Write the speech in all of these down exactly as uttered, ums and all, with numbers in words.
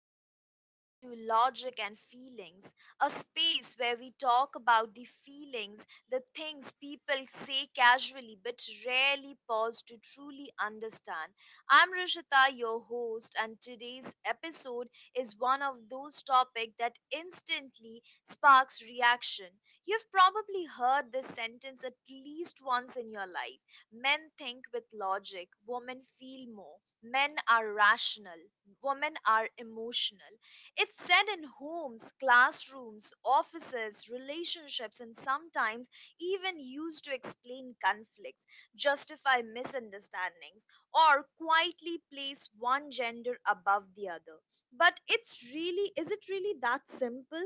welcome back to Logic and Feelings, a space where we talk about the feelings, the things people say casually but rarely pause to truly understand. I'm Rishita, your host, and today's episode is one of those topics that instantly sparks reaction. You've probably heard this sentence at least once in your life. Men think with logic, women feel more. Men are rational, women are emotional. It's said in homes, classrooms, offices, relationships, and sometimes even used to explain conflicts, justify misunderstandings, or quietly place one gender above the other. But it's really, is it really that simple?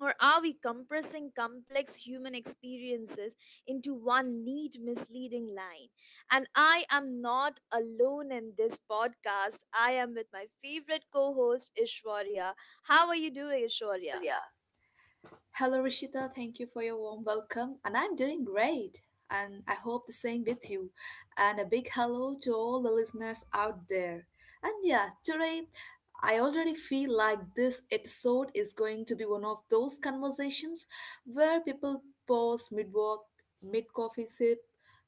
Or are we compressing complex human experiences into one neat, misleading line? And I am not alone in this podcast. I am with my favorite co host, Ishwarya. How are you doing, Ishwarya? Sholia. Hello, Rishita. Thank you for your warm welcome. And I'm doing great. And I hope the same with you. And a big hello to all the listeners out there. And yeah, today I already feel like this episode is going to be one of those conversations where people pause mid walk, mid coffee sip,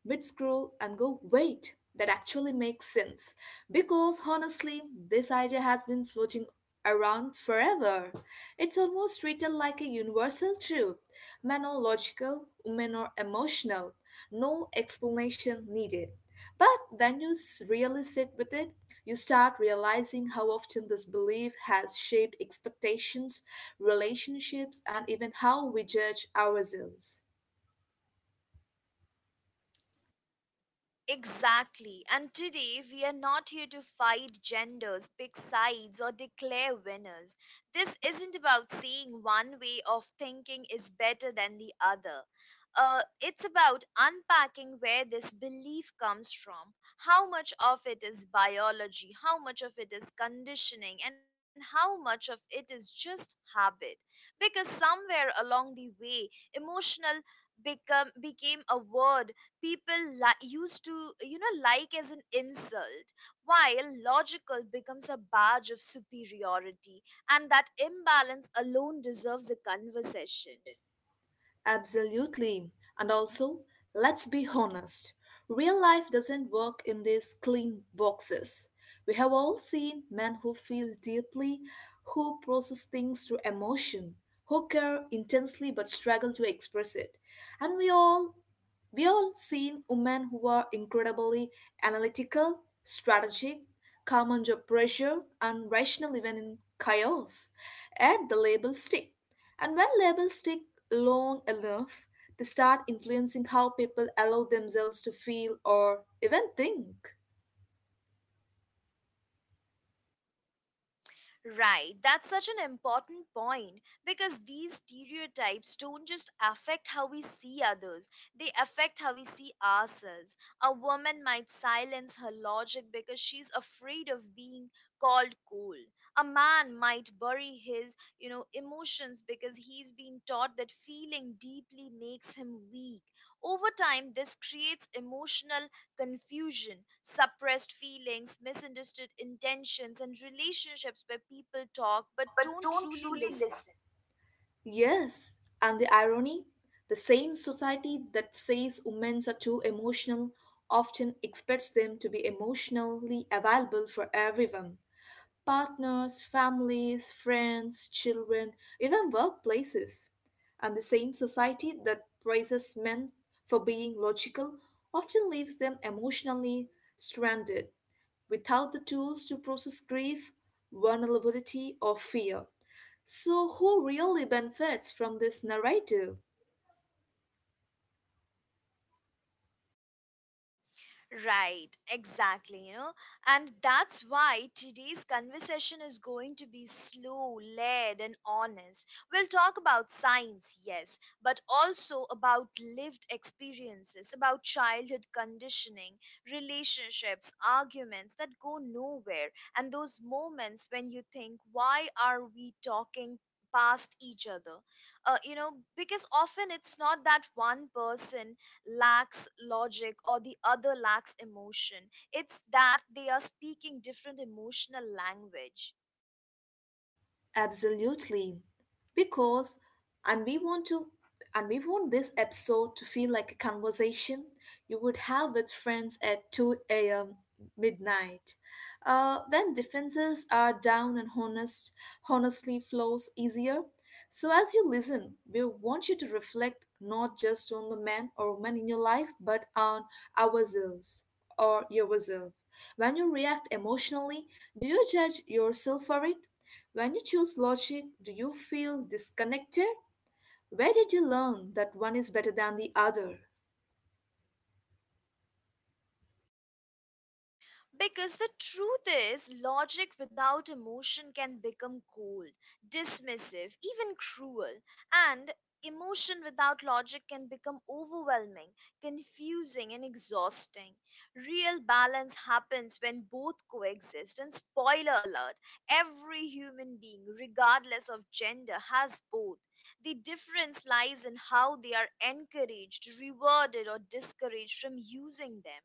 mid scroll, and go, wait, that actually makes sense. Because honestly, this idea has been floating around forever. It's almost treated like a universal truth. Men are logical, women are emotional. No explanation needed. But when you s- really sit with it, you start realizing how often this belief has shaped expectations, relationships, and even how we judge ourselves. Exactly. And today we are not here to fight genders, pick sides, or declare winners. This isn't about saying one way of thinking is better than the other. Uh, it's about unpacking where this belief comes from, how much of it is biology, how much of it is conditioning, and how much of it is just habit. Because somewhere along the way, emotional become became a word people li- used to you know like as an insult, while logical becomes a badge of superiority, and that imbalance alone deserves a conversation. Absolutely. And also, let's be honest, real life doesn't work in these clean boxes. We have all seen men who feel deeply, who process things through emotion, who care intensely but struggle to express it. And we all we all seen women who are incredibly analytical, strategic, calm under pressure, and rational even in chaos. Yet the labels stick. And when labels stick long enough, they start influencing how people allow themselves to feel or even think. Right, that's such an important point, because these stereotypes don't just affect how we see others, they affect how we see ourselves. A woman might silence her logic because she's afraid of being called cold. A man might bury his, you know, emotions because he's been taught that feeling deeply makes him weak. Over time, this creates emotional confusion, suppressed feelings, misunderstood intentions, and relationships where people talk but But don't don't truly truly listen. listen. Yes, and the irony, the same society that says women are too emotional often expects them to be emotionally available for everyone. Partners, families, friends, children, even workplaces. And the same society that praises men for being logical often leaves them emotionally stranded without the tools to process grief, vulnerability, or fear. So, who really benefits from this narrative? Right, exactly, you know, and that's why today's conversation is going to be slow, led, and honest. We'll talk about science, yes, but also about lived experiences, about childhood conditioning, relationships, arguments that go nowhere, and those moments when you think, why are we talking past each other? uh, you know because often it's not that one person lacks logic or the other lacks emotion. It's that they are speaking different emotional language. Absolutely. Because and we want to and we want this episode to feel like a conversation you would have with friends at two a m midnight. Uh, when defenses are down and honest honestly flows easier. So as you listen, we want you to reflect not just on the man or woman in your life, but on ourselves or yourself. When you react emotionally, do you judge yourself for it? When you choose logic, do you feel disconnected? Where did you learn that one is better than the other? Because the truth is, logic without emotion can become cold, dismissive, even cruel. And emotion without logic can become overwhelming, confusing, and exhausting. Real balance happens when both coexist. And spoiler alert, every human being, regardless of gender, has both. The difference lies in how they are encouraged, rewarded, or discouraged from using them.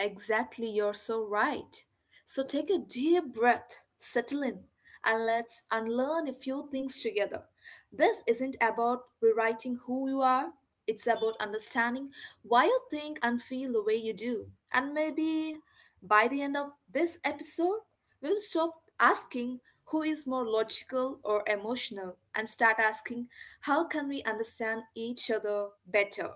Exactly, you're so right. So take a deep breath, settle in, and let's unlearn a few things together. This isn't about rewriting who you are, it's about understanding why you think and feel the way you do. And maybe by the end of this episode, we'll stop asking who is more logical or emotional and start asking how can we understand each other better.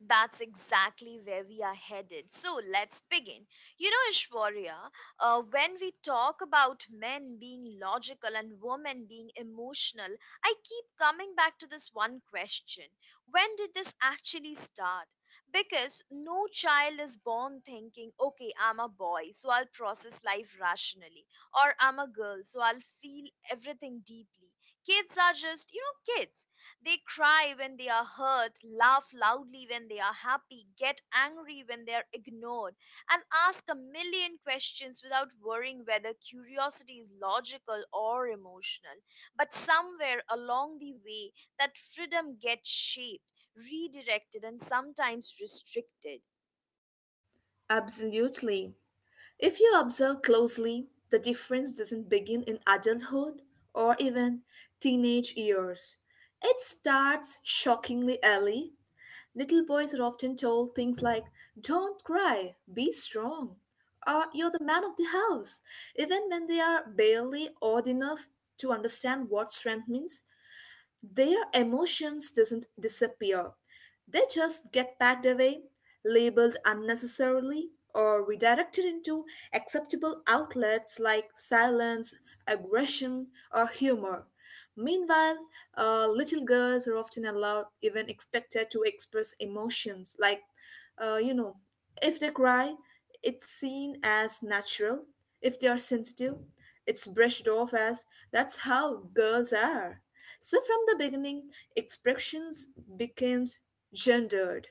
That's exactly where we are headed. So let's begin. You know, Ishwarya, uh, when we talk about men being logical and women being emotional, I keep coming back to this one question. When did this actually start? Because no child is born thinking, okay, I'm a boy, so I'll process life rationally, or I'm a girl, so I'll feel everything deeply. Kids are just, you know, kids. They cry when they are hurt, laugh loudly when they are happy, get angry when they are ignored, and ask a million questions without worrying whether curiosity is logical or emotional. But somewhere along the way, that freedom gets shaped, redirected, and sometimes restricted. Absolutely. If you observe closely, the difference doesn't begin in adulthood or even teenage years. It starts shockingly early. Little boys are often told things like, don't cry, be strong, or you're the man of the house, even when they are barely old enough to understand what strength means. Their emotions doesn't disappear. They just get packed away, labeled unnecessarily, or redirected into acceptable outlets like silence, aggression, or humor. Meanwhile, uh, little girls are often allowed, even expected, to express emotions like, uh, you know, if they cry, it's seen as natural. If they are sensitive, it's brushed off as that's how girls are. So from the beginning, expressions became gendered.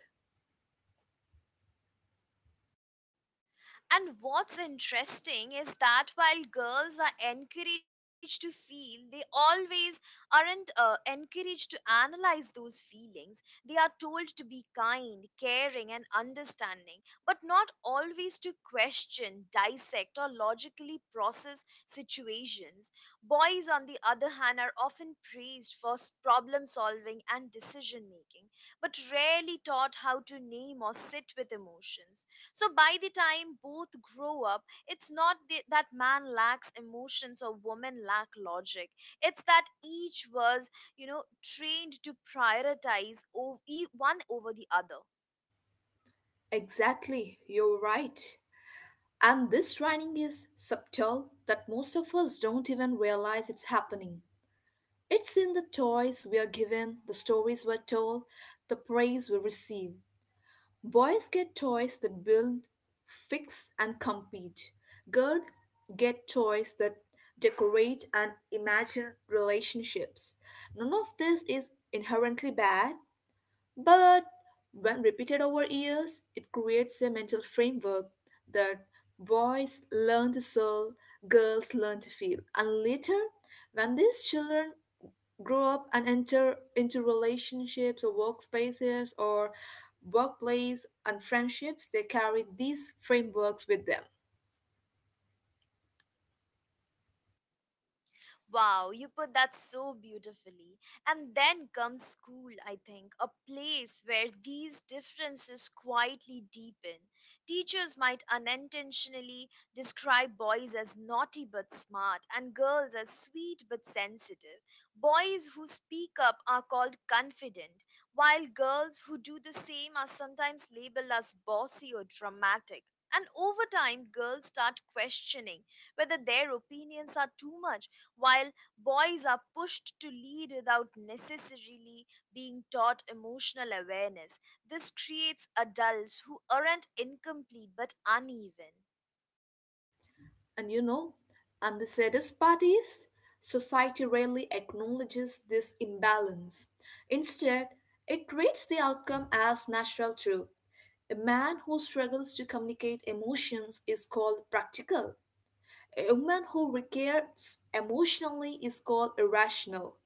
And what's interesting is that while girls are encouraged to feel, they always aren't uh, encouraged to analyze those feelings. They are told to be kind, caring, and understanding, but not always to question, dissect, or logically process situations. Boys, on the other hand, are often praised for s- problem solving and decision making, but rarely taught how to name or sit with emotions. So by the time both grow up, it's not the, that man lacks emotions or woman lack logic. It's that each was, you know, trained to prioritize ov- e- one over the other. Exactly, you're right. And this training is subtle that most of us don't even realize it's happening. It's in the toys we are given, the stories we're told, the praise we receive. Boys get toys that build, fix, and compete. Girls get toys that decorate and imagine relationships. None of this is inherently bad, but when repeated over years, it creates a mental framework that boys learn to solve, girls learn to feel. And later, when these children grow up and enter into relationships or workspaces or workplace and friendships, they carry these frameworks with them. Wow, you put that so beautifully. And then comes school, I think, a place where these differences quietly deepen. Teachers might unintentionally describe boys as naughty but smart, and girls as sweet but sensitive. Boys who speak up are called confident, while girls who do the same are sometimes labeled as bossy or dramatic. And over time, girls start questioning whether their opinions are too much, while boys are pushed to lead without necessarily being taught emotional awareness. This creates adults who aren't incomplete but uneven. And you know, and the saddest part is, society rarely acknowledges this imbalance. Instead, it treats the outcome as natural truth. A man who struggles to communicate emotions is called practical. A woman who reacts emotionally is called irrational.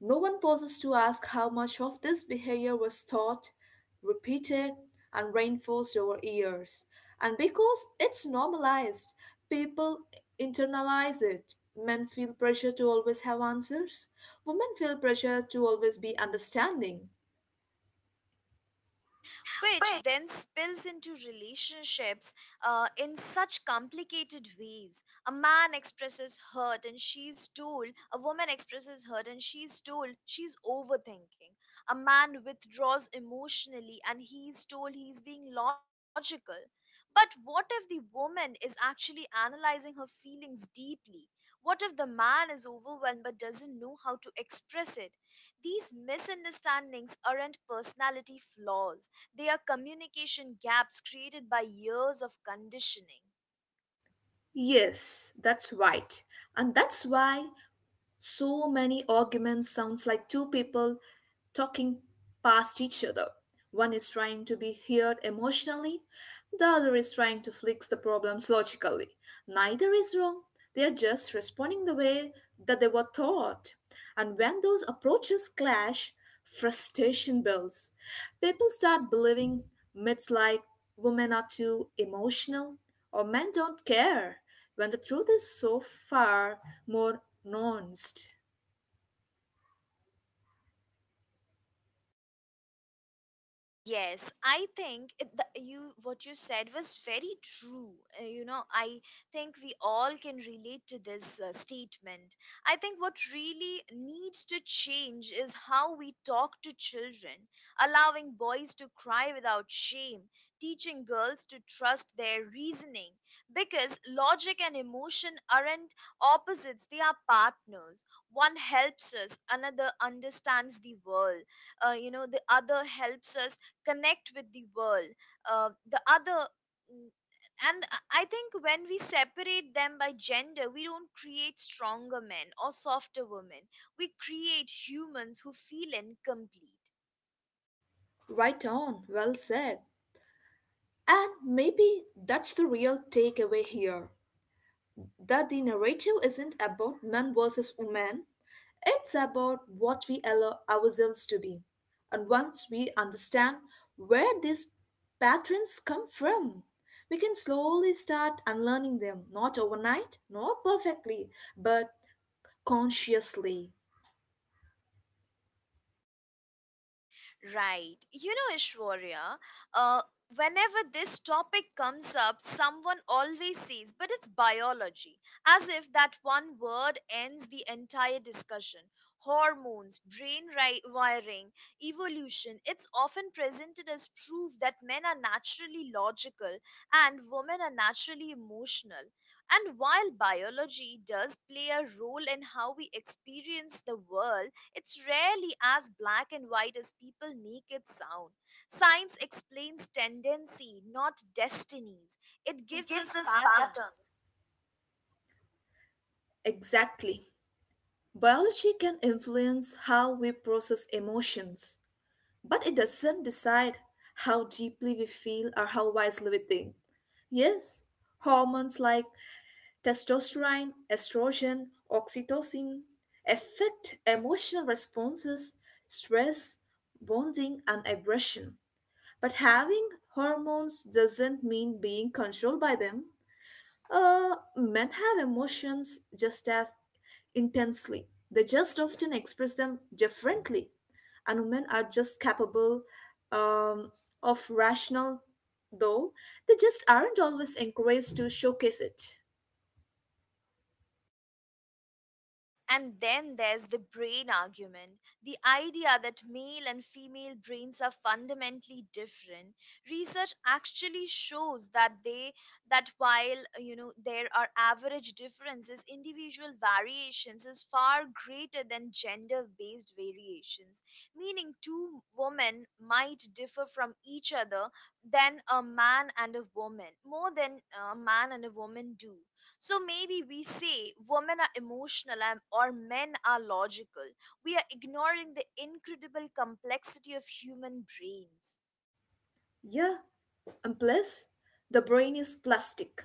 No one pauses to ask how much of this behavior was taught, repeated, and reinforced over years. And because it's normalized, people internalize it. Men feel pressure to always have answers, women feel pressure to always be understanding. Which then spills into relationships uh, in such complicated ways. A man expresses hurt and she's told, a woman expresses hurt and she's told she's overthinking. A man withdraws emotionally and he's told he's being logical. But what if the woman is actually analyzing her feelings deeply? What if the man is overwhelmed but doesn't know how to express it? These misunderstandings aren't personality flaws, they are communication gaps created by years of conditioning. Yes, that's right. And that's why so many arguments sounds like two people talking past each other. One is trying to be heard emotionally, the other is trying to fix the problems logically. Neither is wrong, they are just responding the way that they were taught. And when those approaches clash, frustration builds. People start believing myths like women are too emotional or men don't care when the truth is so far more nuanced. Yes, I think it, the, you what you said was very true. Uh, you know, I think we all can relate to this uh, statement. I think what really needs to change is how we talk to children, allowing boys to cry without shame, teaching girls to trust their reasoning, because logic and emotion aren't opposites, they are partners. One helps us, another understands the world uh, you know the other helps us connect with the world. Uh, the other mm, and I think when we separate them by gender, we don't create stronger men or softer women, we create humans who feel incomplete. Right on, well said. And maybe that's the real takeaway here, that the narrative isn't about men versus women, it's about what we allow ourselves to be. And once we understand where these patterns come from, we can slowly start unlearning them, not overnight, not perfectly, but consciously. Right. You know, Ishwarya, uh, whenever this topic comes up, someone always says, but it's biology, as if that one word ends the entire discussion. Hormones, brain ri- wiring, evolution, it's often presented as proof that men are naturally logical and women are naturally emotional. And while biology does play a role in how we experience the world, it's rarely as black and white as people make it sound. Science explains tendency, not destinies. It It gives gives us us patterns. patterns. Exactly. Biology can influence how we process emotions. But it doesn't decide how deeply we feel or how wisely we think. Yes, hormones like testosterone, estrogen, oxytocin affect emotional responses, stress, bonding, and aggression. But having hormones doesn't mean being controlled by them. Uh, men have emotions just as intensely. They just often express them differently. And women are just capable um, of rational, though they just aren't always encouraged to showcase it. And then there's the brain argument. The idea that male and female brains are fundamentally different. Research actually shows that they that while uh, you know there are average differences, individual variations is far greater than gender-based variations. Meaning two women might differ from each other than a man and a woman, more than a man and a woman do. So maybe we say women are emotional and, or men are logical. We are ignoring the incredible complexity of human brains. Yeah, and plus, the brain is plastic.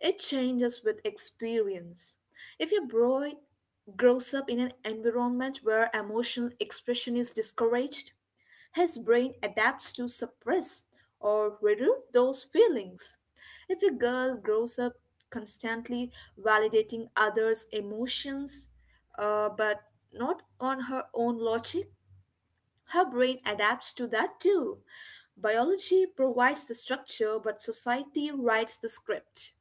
It changes with experience. If your boy grows up in an environment where emotional expression is discouraged, his brain adapts to suppress or reduce those feelings. If a girl grows up constantly validating others' emotions, uh, but not on her own logic, her brain adapts to that too. Biology provides the structure, but society writes the script.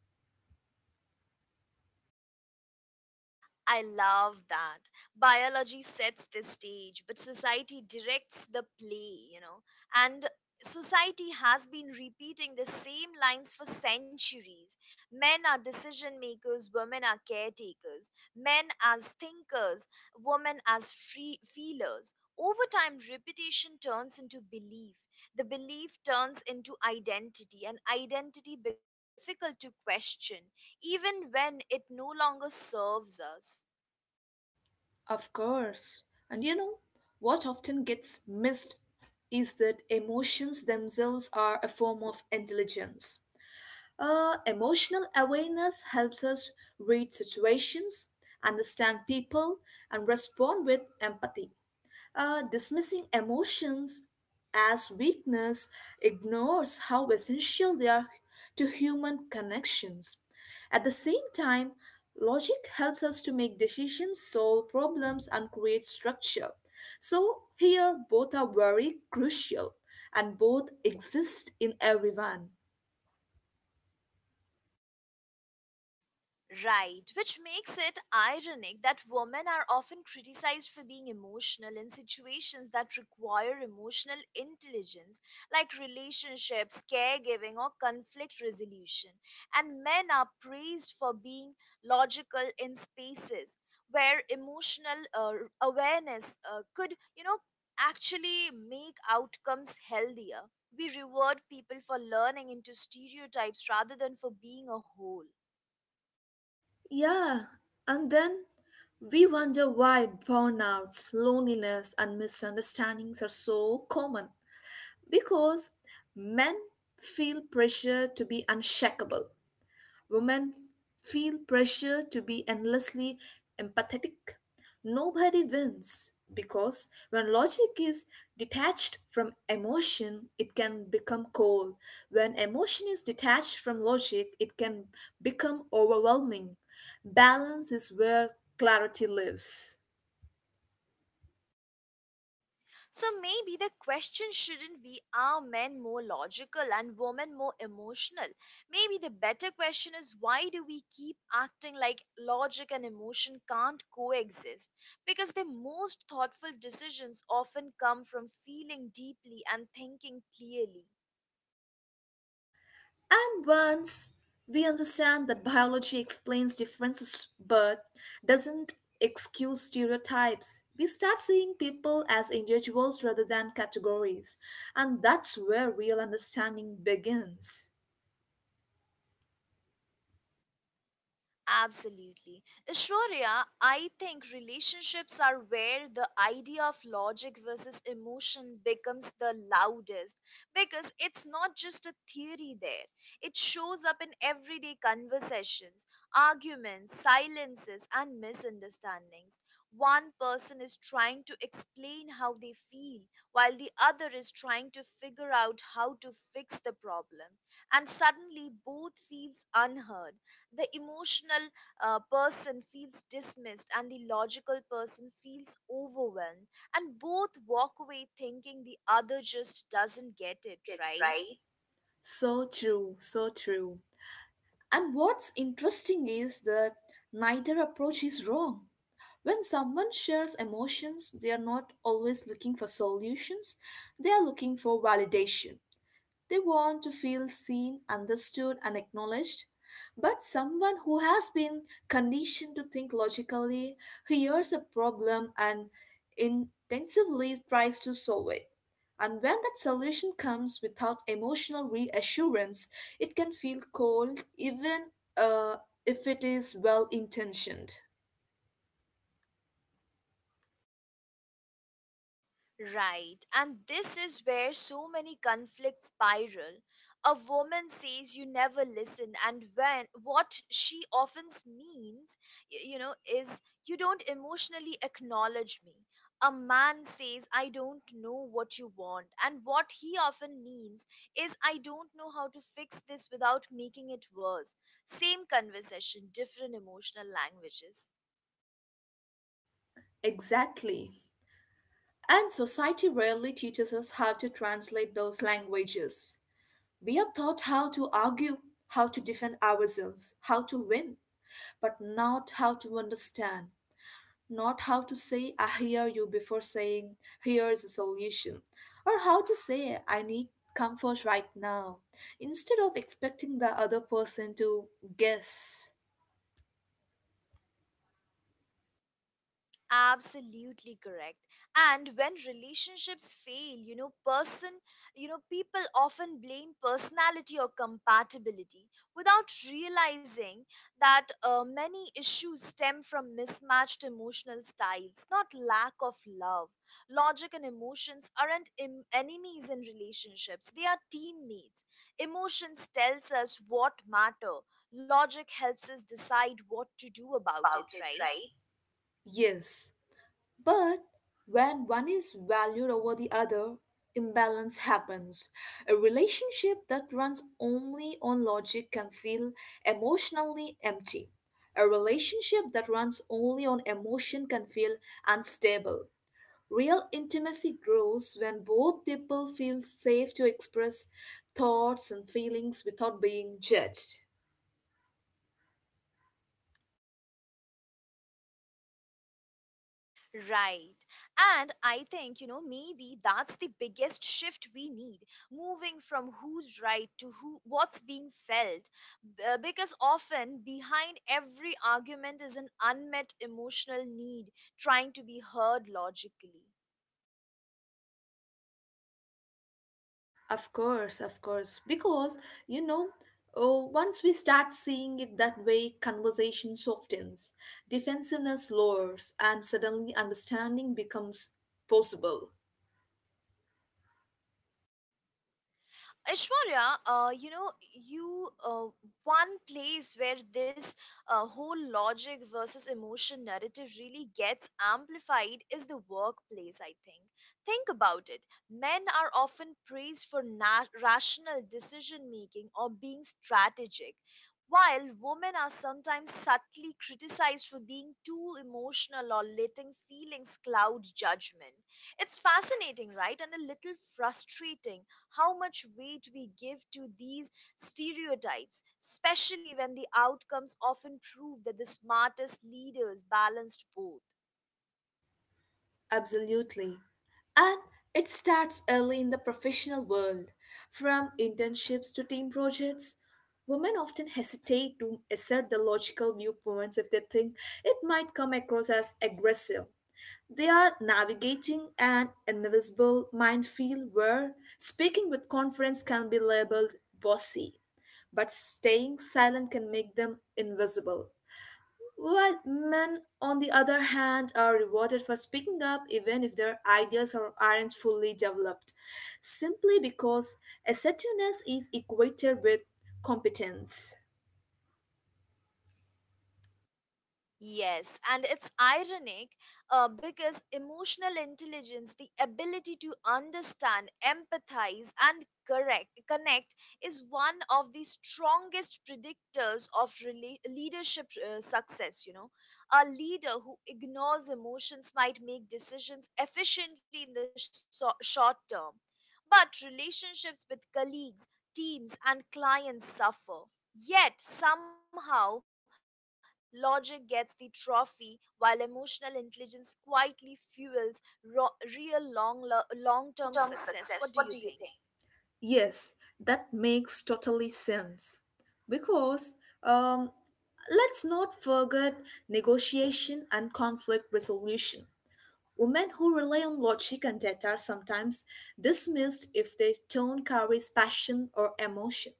I love that. Biology sets the stage, but society directs the play, you know. And society has been repeating the same lines for centuries. Men are decision makers, women are caretakers. Men as thinkers, women as free feelers. Over time, repetition turns into belief. The belief turns into identity, and identity becomes difficult to question even when it no longer serves us. Of course. And you know, what often gets missed is that emotions themselves are a form of intelligence. Uh, emotional awareness helps us read situations, understand people, and respond with empathy. Uh, dismissing emotions as weakness ignores how essential they are to human connections. At the same time, logic helps us to make decisions, solve problems, and create structure. So, here both are very crucial and both exist in everyone. Right, which makes it ironic that women are often criticized for being emotional in situations that require emotional intelligence, like relationships, caregiving, or conflict resolution, and men are praised for being logical in spaces where emotional uh, awareness uh, could, you know, actually make outcomes healthier. We reward people for learning into stereotypes rather than for being a whole. Yeah, and then we wonder why burnouts, loneliness, and misunderstandings are so common. Because men feel pressure to be unshakable, women feel pressure to be endlessly empathetic. Nobody wins because when logic is detached from emotion, it can become cold. When emotion is detached from logic, it can become overwhelming. Balance is where clarity lives. So maybe the question shouldn't be, are men more logical and women more emotional? Maybe the better question is, why do we keep acting like logic and emotion can't coexist? Because the most thoughtful decisions often come from feeling deeply and thinking clearly. And once we understand that biology explains differences but doesn't excuse stereotypes, we start seeing people as individuals rather than categories. And that's where real understanding begins. Absolutely. Shorya, I think relationships are where the idea of logic versus emotion becomes the loudest, because it's not just a theory there. It shows up in everyday conversations, arguments, silences, and misunderstandings. One person is trying to explain how they feel, while the other is trying to figure out how to fix the problem. And suddenly, both feels unheard. The emotional uh, person feels dismissed, and the logical person feels overwhelmed, and both walk away thinking the other just doesn't get it right. So true, so true. And what's interesting is that neither approach is wrong. When someone shares emotions, they are not always looking for solutions, they are looking for validation. They want to feel seen, understood, and acknowledged. But someone who has been conditioned to think logically hears a problem and intensively tries to solve it. And when that solution comes without emotional reassurance, it can feel cold even uh, if it is well intentioned. Right. And this is where so many conflicts spiral. A woman says you never listen, and when what she often means, y- you know, is you don't emotionally acknowledge me. A man says I don't know what you want, and what he often means is I don't know how to fix this without making it worse. Same conversation, different emotional languages. Exactly. And society rarely teaches us how to translate those languages. We are taught how to argue, how to defend ourselves, how to win, but not how to understand, not how to say, I hear you, before saying, here is a solution, or how to say, I need comfort right now, instead of expecting the other person to guess. Absolutely correct. And when relationships fail, you know person you know people often blame personality or compatibility without realizing that uh, many issues stem from mismatched emotional styles, not lack of love. Logic and emotions aren't em- enemies in relationships, they are teammates. Emotions tells us what matter, logic helps us decide what to do about it, right? Yes, but when one is valued over the other, imbalance happens. A relationship that runs only on logic can feel emotionally empty. A relationship that runs only on emotion can feel unstable. Real intimacy grows when both people feel safe to express thoughts and feelings without being judged. Right. And I think, you know, maybe that's the biggest shift we need, moving from who's right to who what's being felt. B- uh, Because often behind every argument is an unmet emotional need trying to be heard logically. Of course, of course. Because, you know, oh, once we start seeing it that way, conversation softens, defensiveness lowers, and suddenly understanding becomes possible. Aishwarya, uh, you know, you uh, one place where this uh, whole logic versus emotion narrative really gets amplified is the workplace, I think. Think about it. Men are often praised for na- rational decision making or being strategic, while women are sometimes subtly criticized for being too emotional or letting feelings cloud judgment. It's fascinating, right, and a little frustrating how much weight we give to these stereotypes, especially when the outcomes often prove that the smartest leaders balanced both. Absolutely. And it starts early in the professional world. From internships to team projects, women often hesitate to assert their logical viewpoints if they think it might come across as aggressive. They are navigating an invisible minefield where speaking with confidence can be labeled bossy, but staying silent can make them invisible. While men, on the other hand, are rewarded for speaking up even if their ideas are, aren't fully developed, simply because assertiveness is equated with competence. Yes, and it's ironic uh, because emotional intelligence, the ability to understand, empathize, and correct, connect, is one of the strongest predictors of rela- leadership uh, success. You know, a leader who ignores emotions might make decisions efficiently in the so- short term, but relationships with colleagues, teams, and clients suffer. Yet somehow logic gets the trophy, while emotional intelligence quietly fuels ro- real long long-term success. Long What do term you think? success, what do you think? Yes, that makes totally sense. Because um, let's not forget negotiation and conflict resolution. Women who rely on logic and data are sometimes dismissed if their tone carries passion or emotion.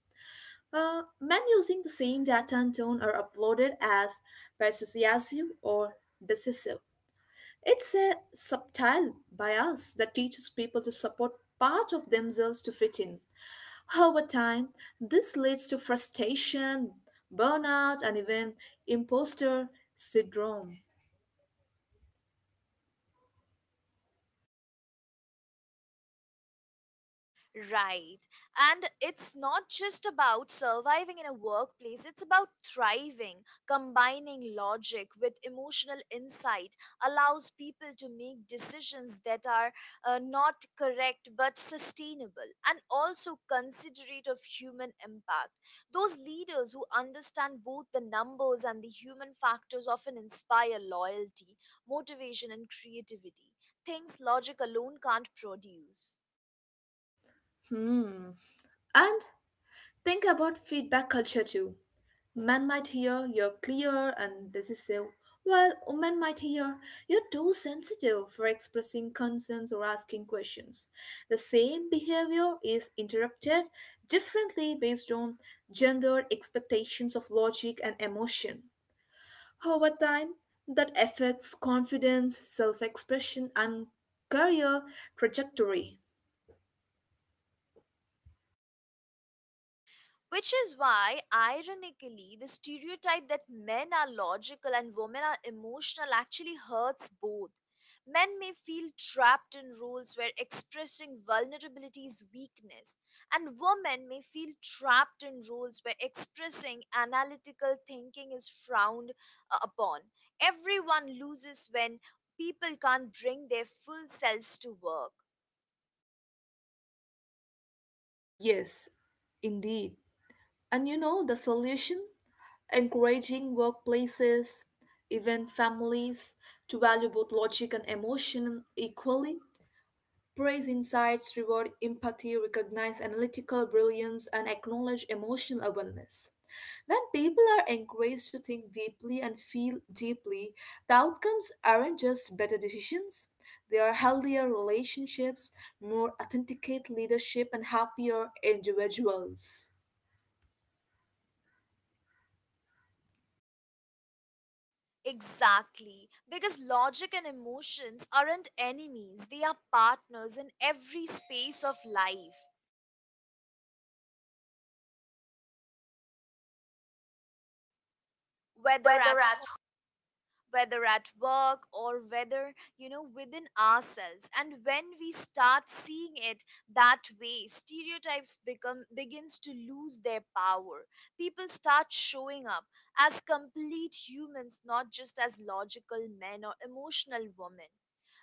Uh, men using the same data and tone are applauded as persuasive or decisive. It's a subtle bias that teaches people to support part of themselves to fit in. Over time, this leads to frustration, burnout, and even imposter syndrome. Right. And it's not just about surviving in a workplace, it's about thriving. Combining logic with emotional insight allows people to make decisions that are uh, not correct but sustainable and also considerate of human impact. Those leaders who understand both the numbers and the human factors often inspire loyalty, motivation, and creativity, things logic alone can't produce. Hmm. And think about feedback culture too. Men might hear you're clear and decisive, while women might hear you're too sensitive for expressing concerns or asking questions. The same behavior is interpreted differently based on gender expectations of logic and emotion. Over time, that affects confidence, self expression, and career trajectory. Which is why, ironically, the stereotype that men are logical and women are emotional actually hurts both. Men may feel trapped in roles where expressing vulnerability is weakness, and women may feel trapped in roles where expressing analytical thinking is frowned uh, upon. Everyone loses when people can't bring their full selves to work. Yes, indeed. And you know the solution? Encouraging workplaces, even families, to value both logic and emotion equally. Praise insights, reward empathy, recognize analytical brilliance, and acknowledge emotional awareness. When people are encouraged to think deeply and feel deeply, the outcomes aren't just better decisions, they are healthier relationships, more authenticate leadership, and happier individuals. Exactly, because logic and emotions aren't enemies, they are partners in every space of life, whether Whether at at whether at work or whether you know within ourselves, and when we start seeing it that way, stereotypes become begins to lose their power. People start showing up as complete humans, not just as logical men or emotional women.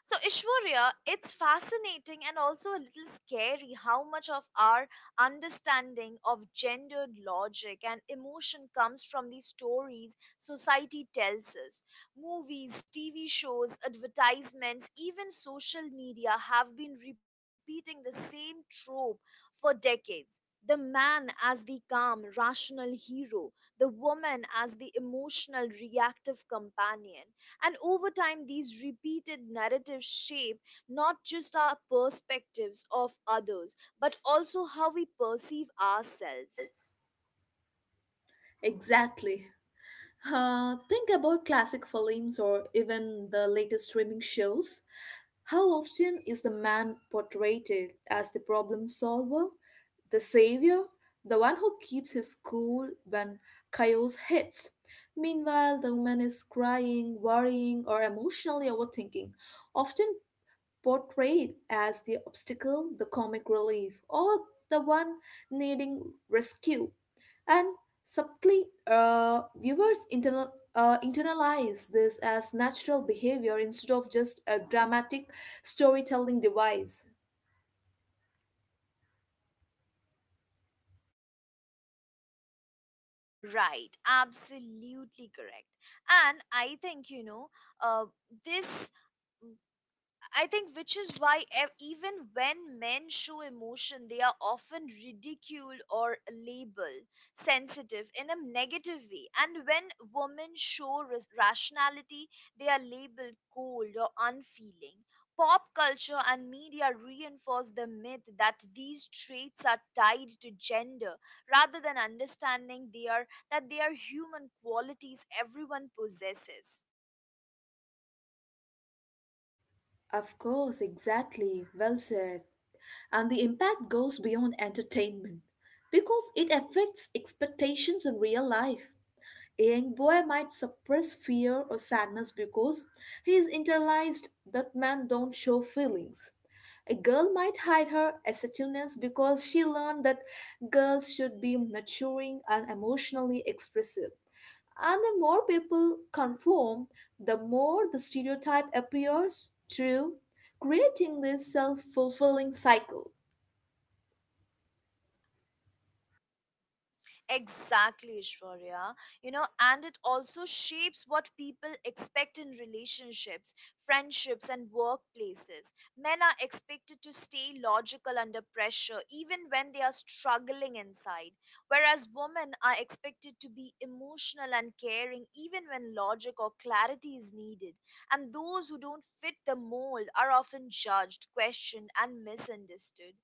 So, Ishwarya, it's fascinating and also a little scary how much of our understanding of gendered logic and emotion comes from these stories society tells us. Movies, T V shows, advertisements, even social media have been repeating the same trope for decades. The man as the calm, rational hero, the woman as the emotional, reactive companion. And over time, these repeated narratives shape not just our perspectives of others, but also how we perceive ourselves. exactly. Uh, think about classic films or even the latest streaming shows. How often is the man portrayed as the problem solver, the savior, the one who keeps his cool when chaos hits? Meanwhile, the woman is crying, worrying, or emotionally overthinking, often portrayed as the obstacle, the comic relief, or the one needing rescue. And subtly, uh, viewers internal, uh, internalize this as natural behavior instead of just a dramatic storytelling device. Right, absolutely correct. And I think, you know, uh, this. I think which is why ev- even when men show emotion, they are often ridiculed or labeled sensitive in a negative way. And when women show ras- rationality, they are labeled cold or unfeeling. Pop culture and media reinforce the myth that these traits are tied to gender rather than understanding they are that they are human qualities everyone possesses. Of course, exactly. Well said. And the impact goes beyond entertainment because it affects expectations in real life. A young boy might suppress fear or sadness because he is internalized that men don't show feelings. A girl might hide her assertiveness because she learned that girls should be nurturing and emotionally expressive. And the more people conform, the more the stereotype appears true, creating this self fulfilling cycle. Exactly, Ishwarya. You know, and it also shapes what people expect in relationships, friendships, and workplaces. Men are expected to stay logical under pressure, even when they are struggling inside, whereas women are expected to be emotional and caring, even when logic or clarity is needed. And those who don't fit the mold are often judged, questioned, and misunderstood.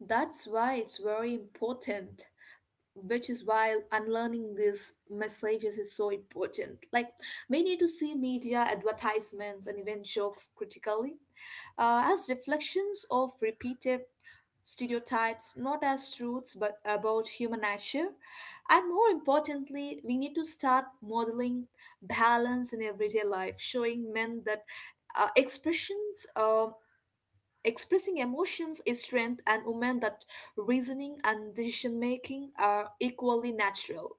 That's why it's very important Which is why unlearning these messages is so important, like we need to see media advertisements and even jokes critically, uh, as reflections of repeated stereotypes, not as truths but about human nature. And more importantly, we need to start modeling balance in everyday life, showing men that uh, expressions um expressing emotions is strength, and women that reasoning and decision making are equally natural.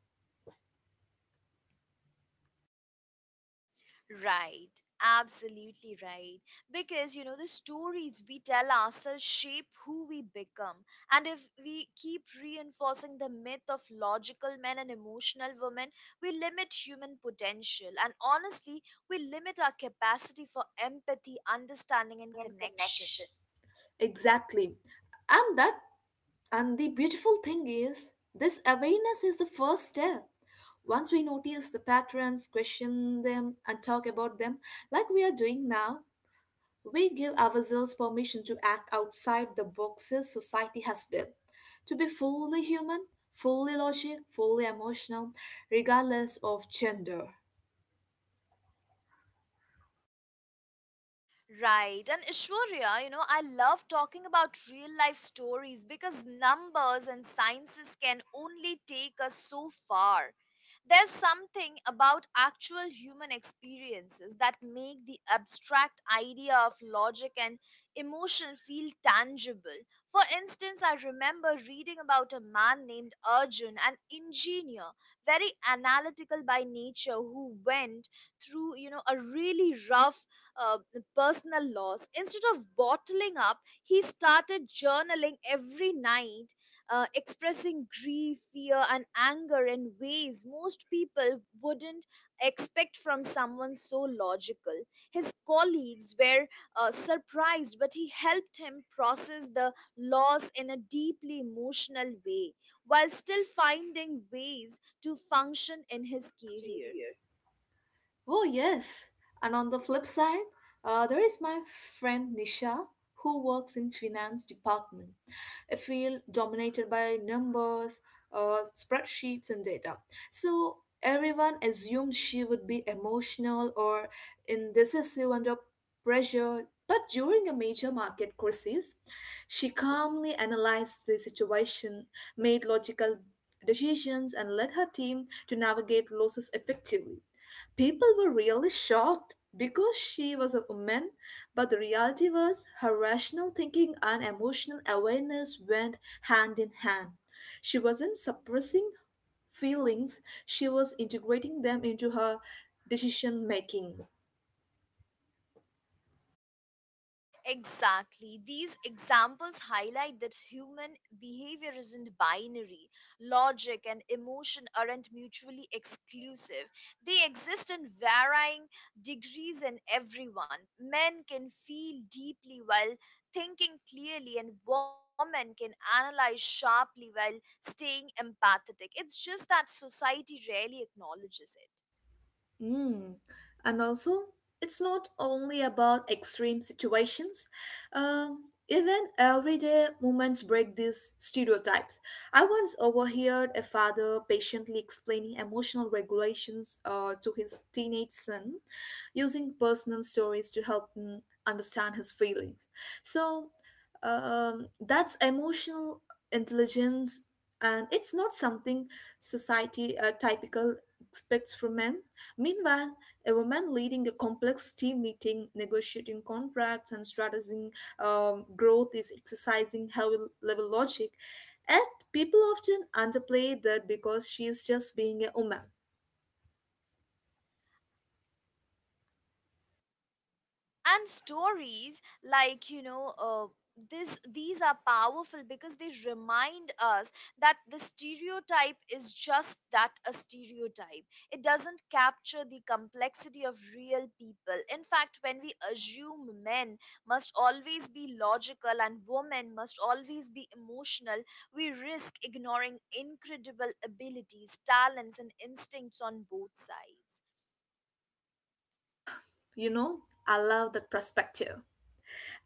Right, absolutely right. Because you know, the stories we tell ourselves shape who we become. And if we keep reinforcing the myth of logical men and emotional women, we limit human potential. And honestly, we limit our capacity for empathy, understanding, and connection. Exactly. And that and the beautiful thing is this awareness is the first step. Once we notice the patterns, question them and talk about them like we are doing now, we give ourselves permission to act outside the boxes society has built. To be fully human, fully logic, fully emotional, regardless of gender. Right. And Ishwarya, you know, I love talking about real life stories because numbers and sciences can only take us so far. There's something about actual human experiences that make the abstract idea of logic and emotion feel tangible. For instance, I remember reading about a man named Arjun, an engineer, very analytical by nature, who went through, you know, a really rough uh, personal loss. Instead of bottling up, he started journaling every night, uh, expressing grief, fear, and anger in ways most people wouldn't expect from someone so logical. His colleagues were uh, surprised, but he helped him process the loss in a deeply emotional way while still finding ways to function in his His career. oh, yes. And on the flip side, uh, there is my friend Nisha, who works in finance department, a field dominated by numbers, uh, spreadsheets and data, so everyone assumed she would be emotional or indecisive under pressure. But during a major market crisis, she calmly analyzed the situation, made logical decisions, and led her team to navigate losses effectively. People were really shocked because she was a woman, but the reality was her rational thinking and emotional awareness went hand in hand. She wasn't suppressing feelings, she was integrating them into her decision making. Exactly. These examples highlight that human behavior isn't binary. Logic and emotion aren't mutually exclusive, they exist in varying degrees in everyone. Men can feel deeply while thinking clearly, and women can analyze sharply while staying empathetic. It's just that society rarely acknowledges it. Mm. And also, it's not only about extreme situations. Um, even everyday moments break these stereotypes. I once overheard a father patiently explaining emotional regulations uh, to his teenage son, using personal stories to help him understand his feelings. So, um, that's emotional intelligence, and it's not something society uh, typical expects from men. Meanwhile, a woman leading a complex team meeting, negotiating contracts, and strategizing um, growth is exercising high level logic. And people often underplay that because she is just being a woman. And stories like, you know uh, this these are powerful because they remind us that the stereotype is just that, a stereotype. It doesn't capture the complexity of real people. In fact, when we assume men must always be logical and women must always be emotional, we risk ignoring incredible abilities, talents, and instincts on both sides. You know, I love that perspective.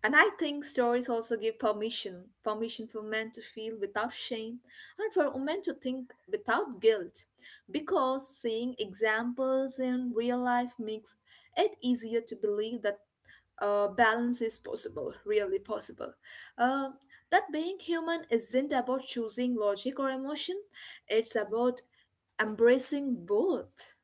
And I think stories also give permission permission for men to feel without shame and for women to think without guilt. Because seeing examples in real life makes it easier to believe that uh, balance is possible, really possible. Uh, that being human isn't about choosing logic or emotion, it's about embracing both.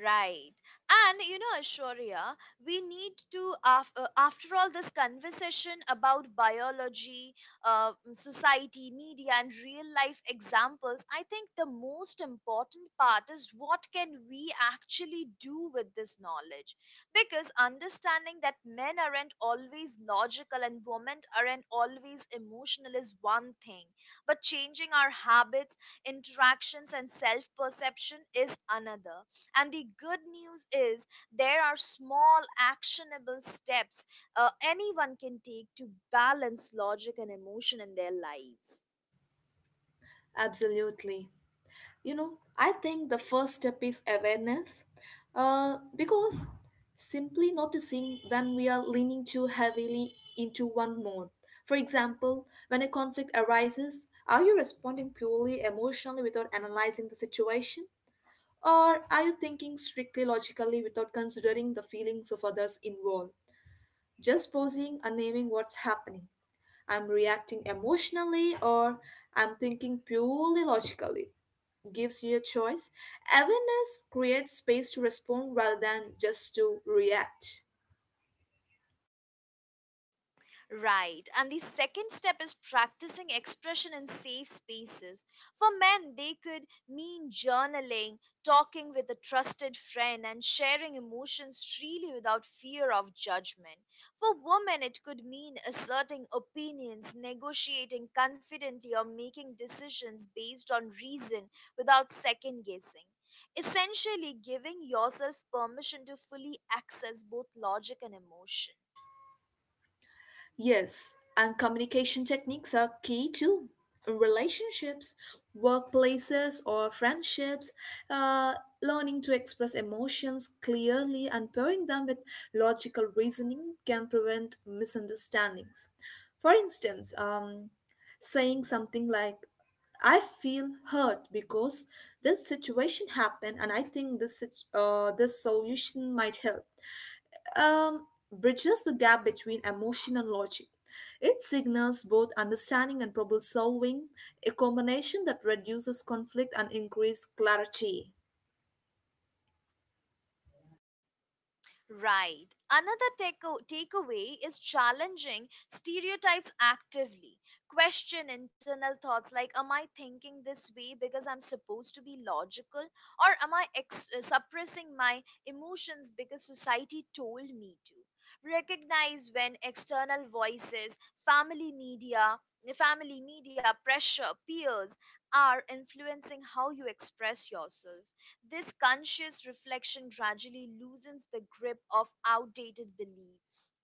Right. And you know, Ashwarya, we need to, af- uh, after all, this conversation about biology, uh, mm, society, media, and real life examples, I think the most important part is, what can we actually do with this knowledge? Because understanding that men aren't always logical and women aren't always emotional is one thing, but changing our habits, interactions, and self perception is another. And the good news is there are small, actionable steps uh, anyone can take to balance logic and emotion in their lives. Absolutely. You know, I think the first step is awareness, uh, because simply noticing when we are leaning too heavily into one mode. For example, when a conflict arises, are you responding purely emotionally without analyzing the situation? Or are you thinking strictly logically without considering the feelings of others involved? Just pausing and naming what's happening. I'm reacting emotionally or I'm thinking purely logically gives you a choice. Awareness creates space to respond rather than just to react. Right. And the second step is practicing expression in safe spaces. For men, they could mean journaling, talking with a trusted friend, and sharing emotions freely without fear of judgment. For women, it could mean asserting opinions, negotiating confidently, or making decisions based on reason without second guessing. Essentially, giving yourself permission to fully access both logic and emotion. Yes, and communication techniques are key too. Relationships, workplaces, or friendships, uh, learning to express emotions clearly and pairing them with logical reasoning can prevent misunderstandings. For instance, um, saying something like, I feel hurt because this situation happened, and I think this sit- uh, this solution might help um, bridges the gap between emotion and logic. It signals both understanding and problem solving, a combination that reduces conflict and increases clarity. Right. Another takeo- takeaway is challenging stereotypes actively. Question internal thoughts like, am I thinking this way because I'm supposed to be logical? Or am I ex- uh, suppressing my emotions because society told me to? Recognize when external voices, family media, family media pressure, peers are influencing how you express yourself. This conscious reflection gradually loosens the grip of outdated beliefs.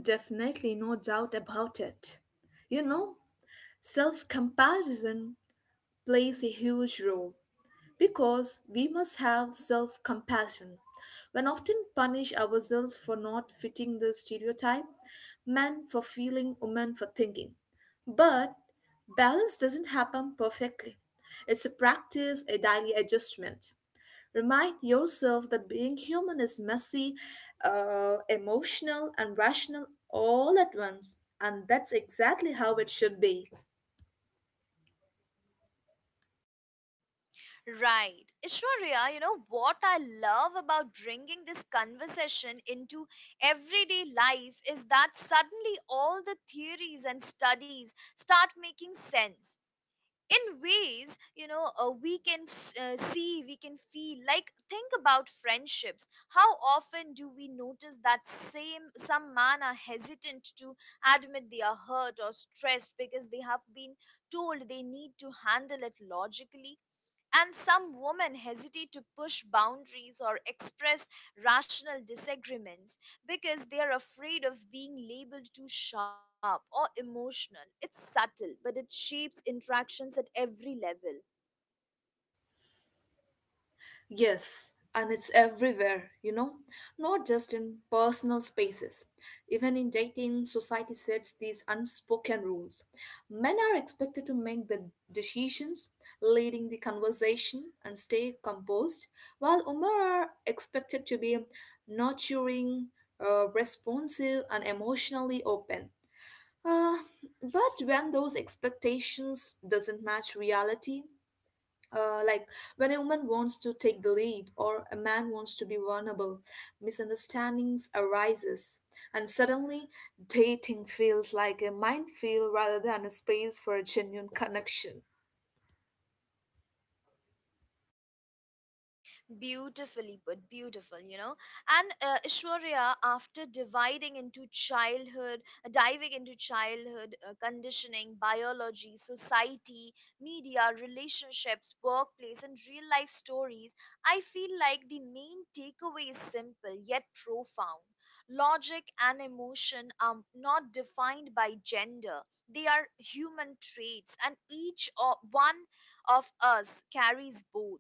Definitely, no doubt about it. You know, self comparison plays a huge role. Because we must have self compassion. When often punish ourselves for not fitting the stereotype, men for feeling, women for thinking. But balance doesn't happen perfectly. It's a practice, a daily adjustment. Remind yourself that being human is messy, uh, emotional, and rational all at once, and that's exactly how it should be. Right. Ishwarya, you know what I love about bringing this conversation into everyday life is that suddenly all the theories and studies start making sense in ways, you know, uh, we can s- uh, see, we can feel. Like, think about friendships. How often do we notice that same some man are hesitant to admit they are hurt or stressed because they have been told they need to handle it logically, and some women hesitate to push boundaries or express rational disagreements because they are afraid of being labeled too sharp or emotional. It's subtle, but it shapes interactions at every level. Yes, and it's everywhere, you know, not just in personal spaces. Even in dating, society sets these unspoken rules. Men are expected to make the decisions, leading the conversation, and stay composed, while women are expected to be nurturing, uh, responsive, and emotionally open. Uh, but when those expectations doesn't match reality, uh, like when a woman wants to take the lead or a man wants to be vulnerable, misunderstandings arises, and suddenly dating feels like a minefield rather than a space for a genuine connection. Beautifully put, beautiful, you know. And uh, Ishwarya, after dividing into childhood uh, diving into childhood, uh, conditioning, biology, society, media, relationships, workplace, and real life stories, I feel like the main takeaway is simple yet profound. Logic and emotion are not defined by gender, they are human traits, and each o- one of us carries both.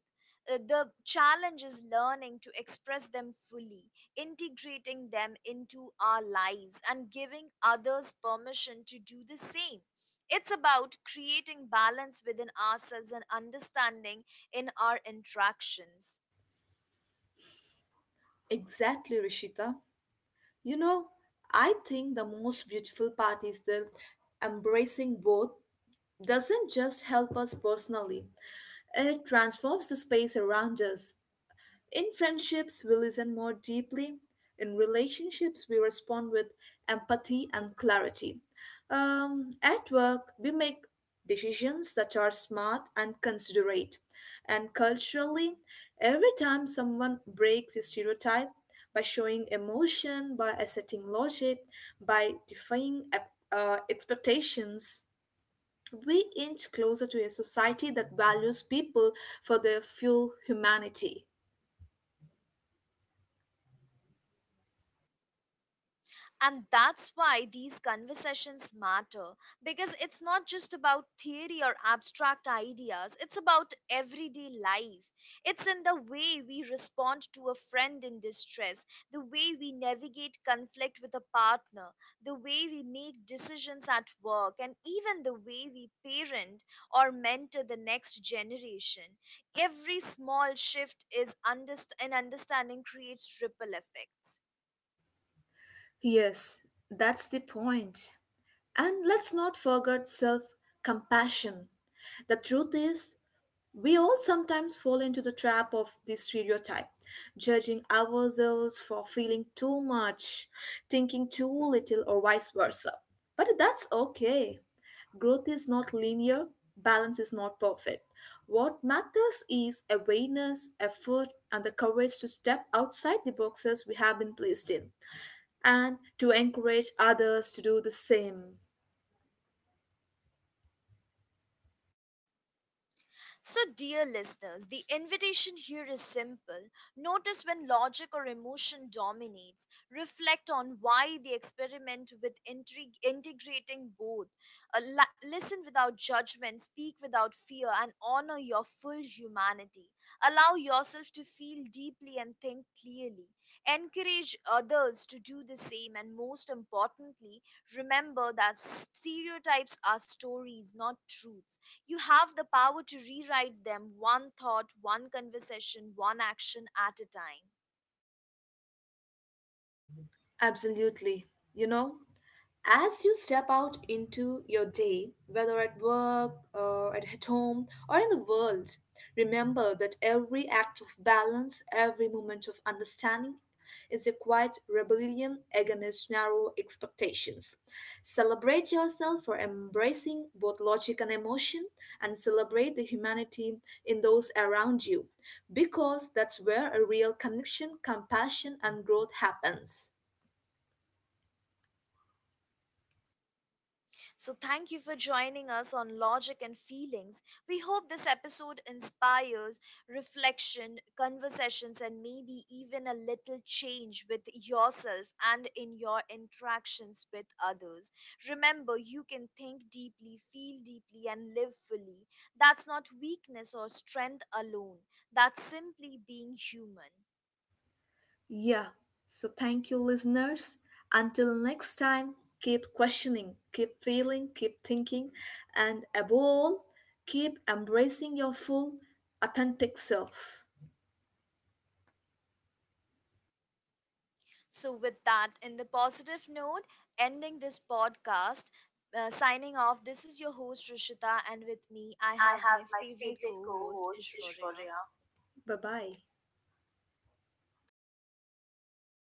Uh, the challenge is learning to express them fully, integrating them into our lives, and giving others permission to do the same. It's about creating balance within ourselves and understanding in our interactions. Exactly, Rishita. You know, I think the most beautiful part is that embracing both doesn't just help us personally, it transforms the space around us. In friendships, we listen more deeply. In relationships, we respond with empathy and clarity. Um, at work, we make decisions that are smart and considerate. And culturally, every time someone breaks a stereotype by showing emotion, by asserting logic, by defying ep- uh, expectations, we inch closer to a society that values people for their full humanity. And that's why these conversations matter, because it's not just about theory or abstract ideas, it's about everyday life. It's in the way we respond to a friend in distress, the way we navigate conflict with a partner, the way we make decisions at work, and even the way we parent or mentor the next generation. Every small shift is underst- in understanding creates ripple effects. Yes, that's the point. And let's not forget self compassion. The truth is, we all sometimes fall into the trap of this stereotype, judging ourselves for feeling too much, thinking too little, or vice versa. But that's okay. Growth is not linear, balance is not perfect. What matters is awareness, effort, and the courage to step outside the boxes we have been placed in and to encourage others to do the same. So, dear listeners, the invitation here is simple. Notice when logic or emotion dominates. Reflect on why. The experiment with intrig- integrating both. Uh, li- listen without judgment, speak without fear, and honor your full humanity. Allow yourself to feel deeply and think clearly. Encourage others to do the same, and most importantly, remember that s- stereotypes are stories, not truths. You have the power to rewrite them one thought, one conversation, one action at a time. Absolutely. You know, as you step out into your day, whether at work or at home or in the world, remember that every act of balance, every moment of understanding is a quiet rebellion against narrow expectations. Celebrate yourself for embracing both logic and emotion, and celebrate the humanity in those around you, because that's where a real connection, compassion, and growth happens. So, thank you for joining us on Logic and Feelings. We hope this episode inspires reflection, conversations, and maybe even a little change with yourself and in your interactions with others. Remember, you can think deeply, feel deeply, and live fully. That's not weakness or strength alone, that's simply being human. Yeah, so thank you, listeners. Until next time, keep questioning, keep feeling, keep thinking, and above all, keep embracing your full, authentic self. So, with that, in the positive note, ending this podcast, uh, signing off, this is your host Rishita, and with me, Me, I I have have my my favorite favorite co co host host, Ishwarya. Ishwarya. Bye bye.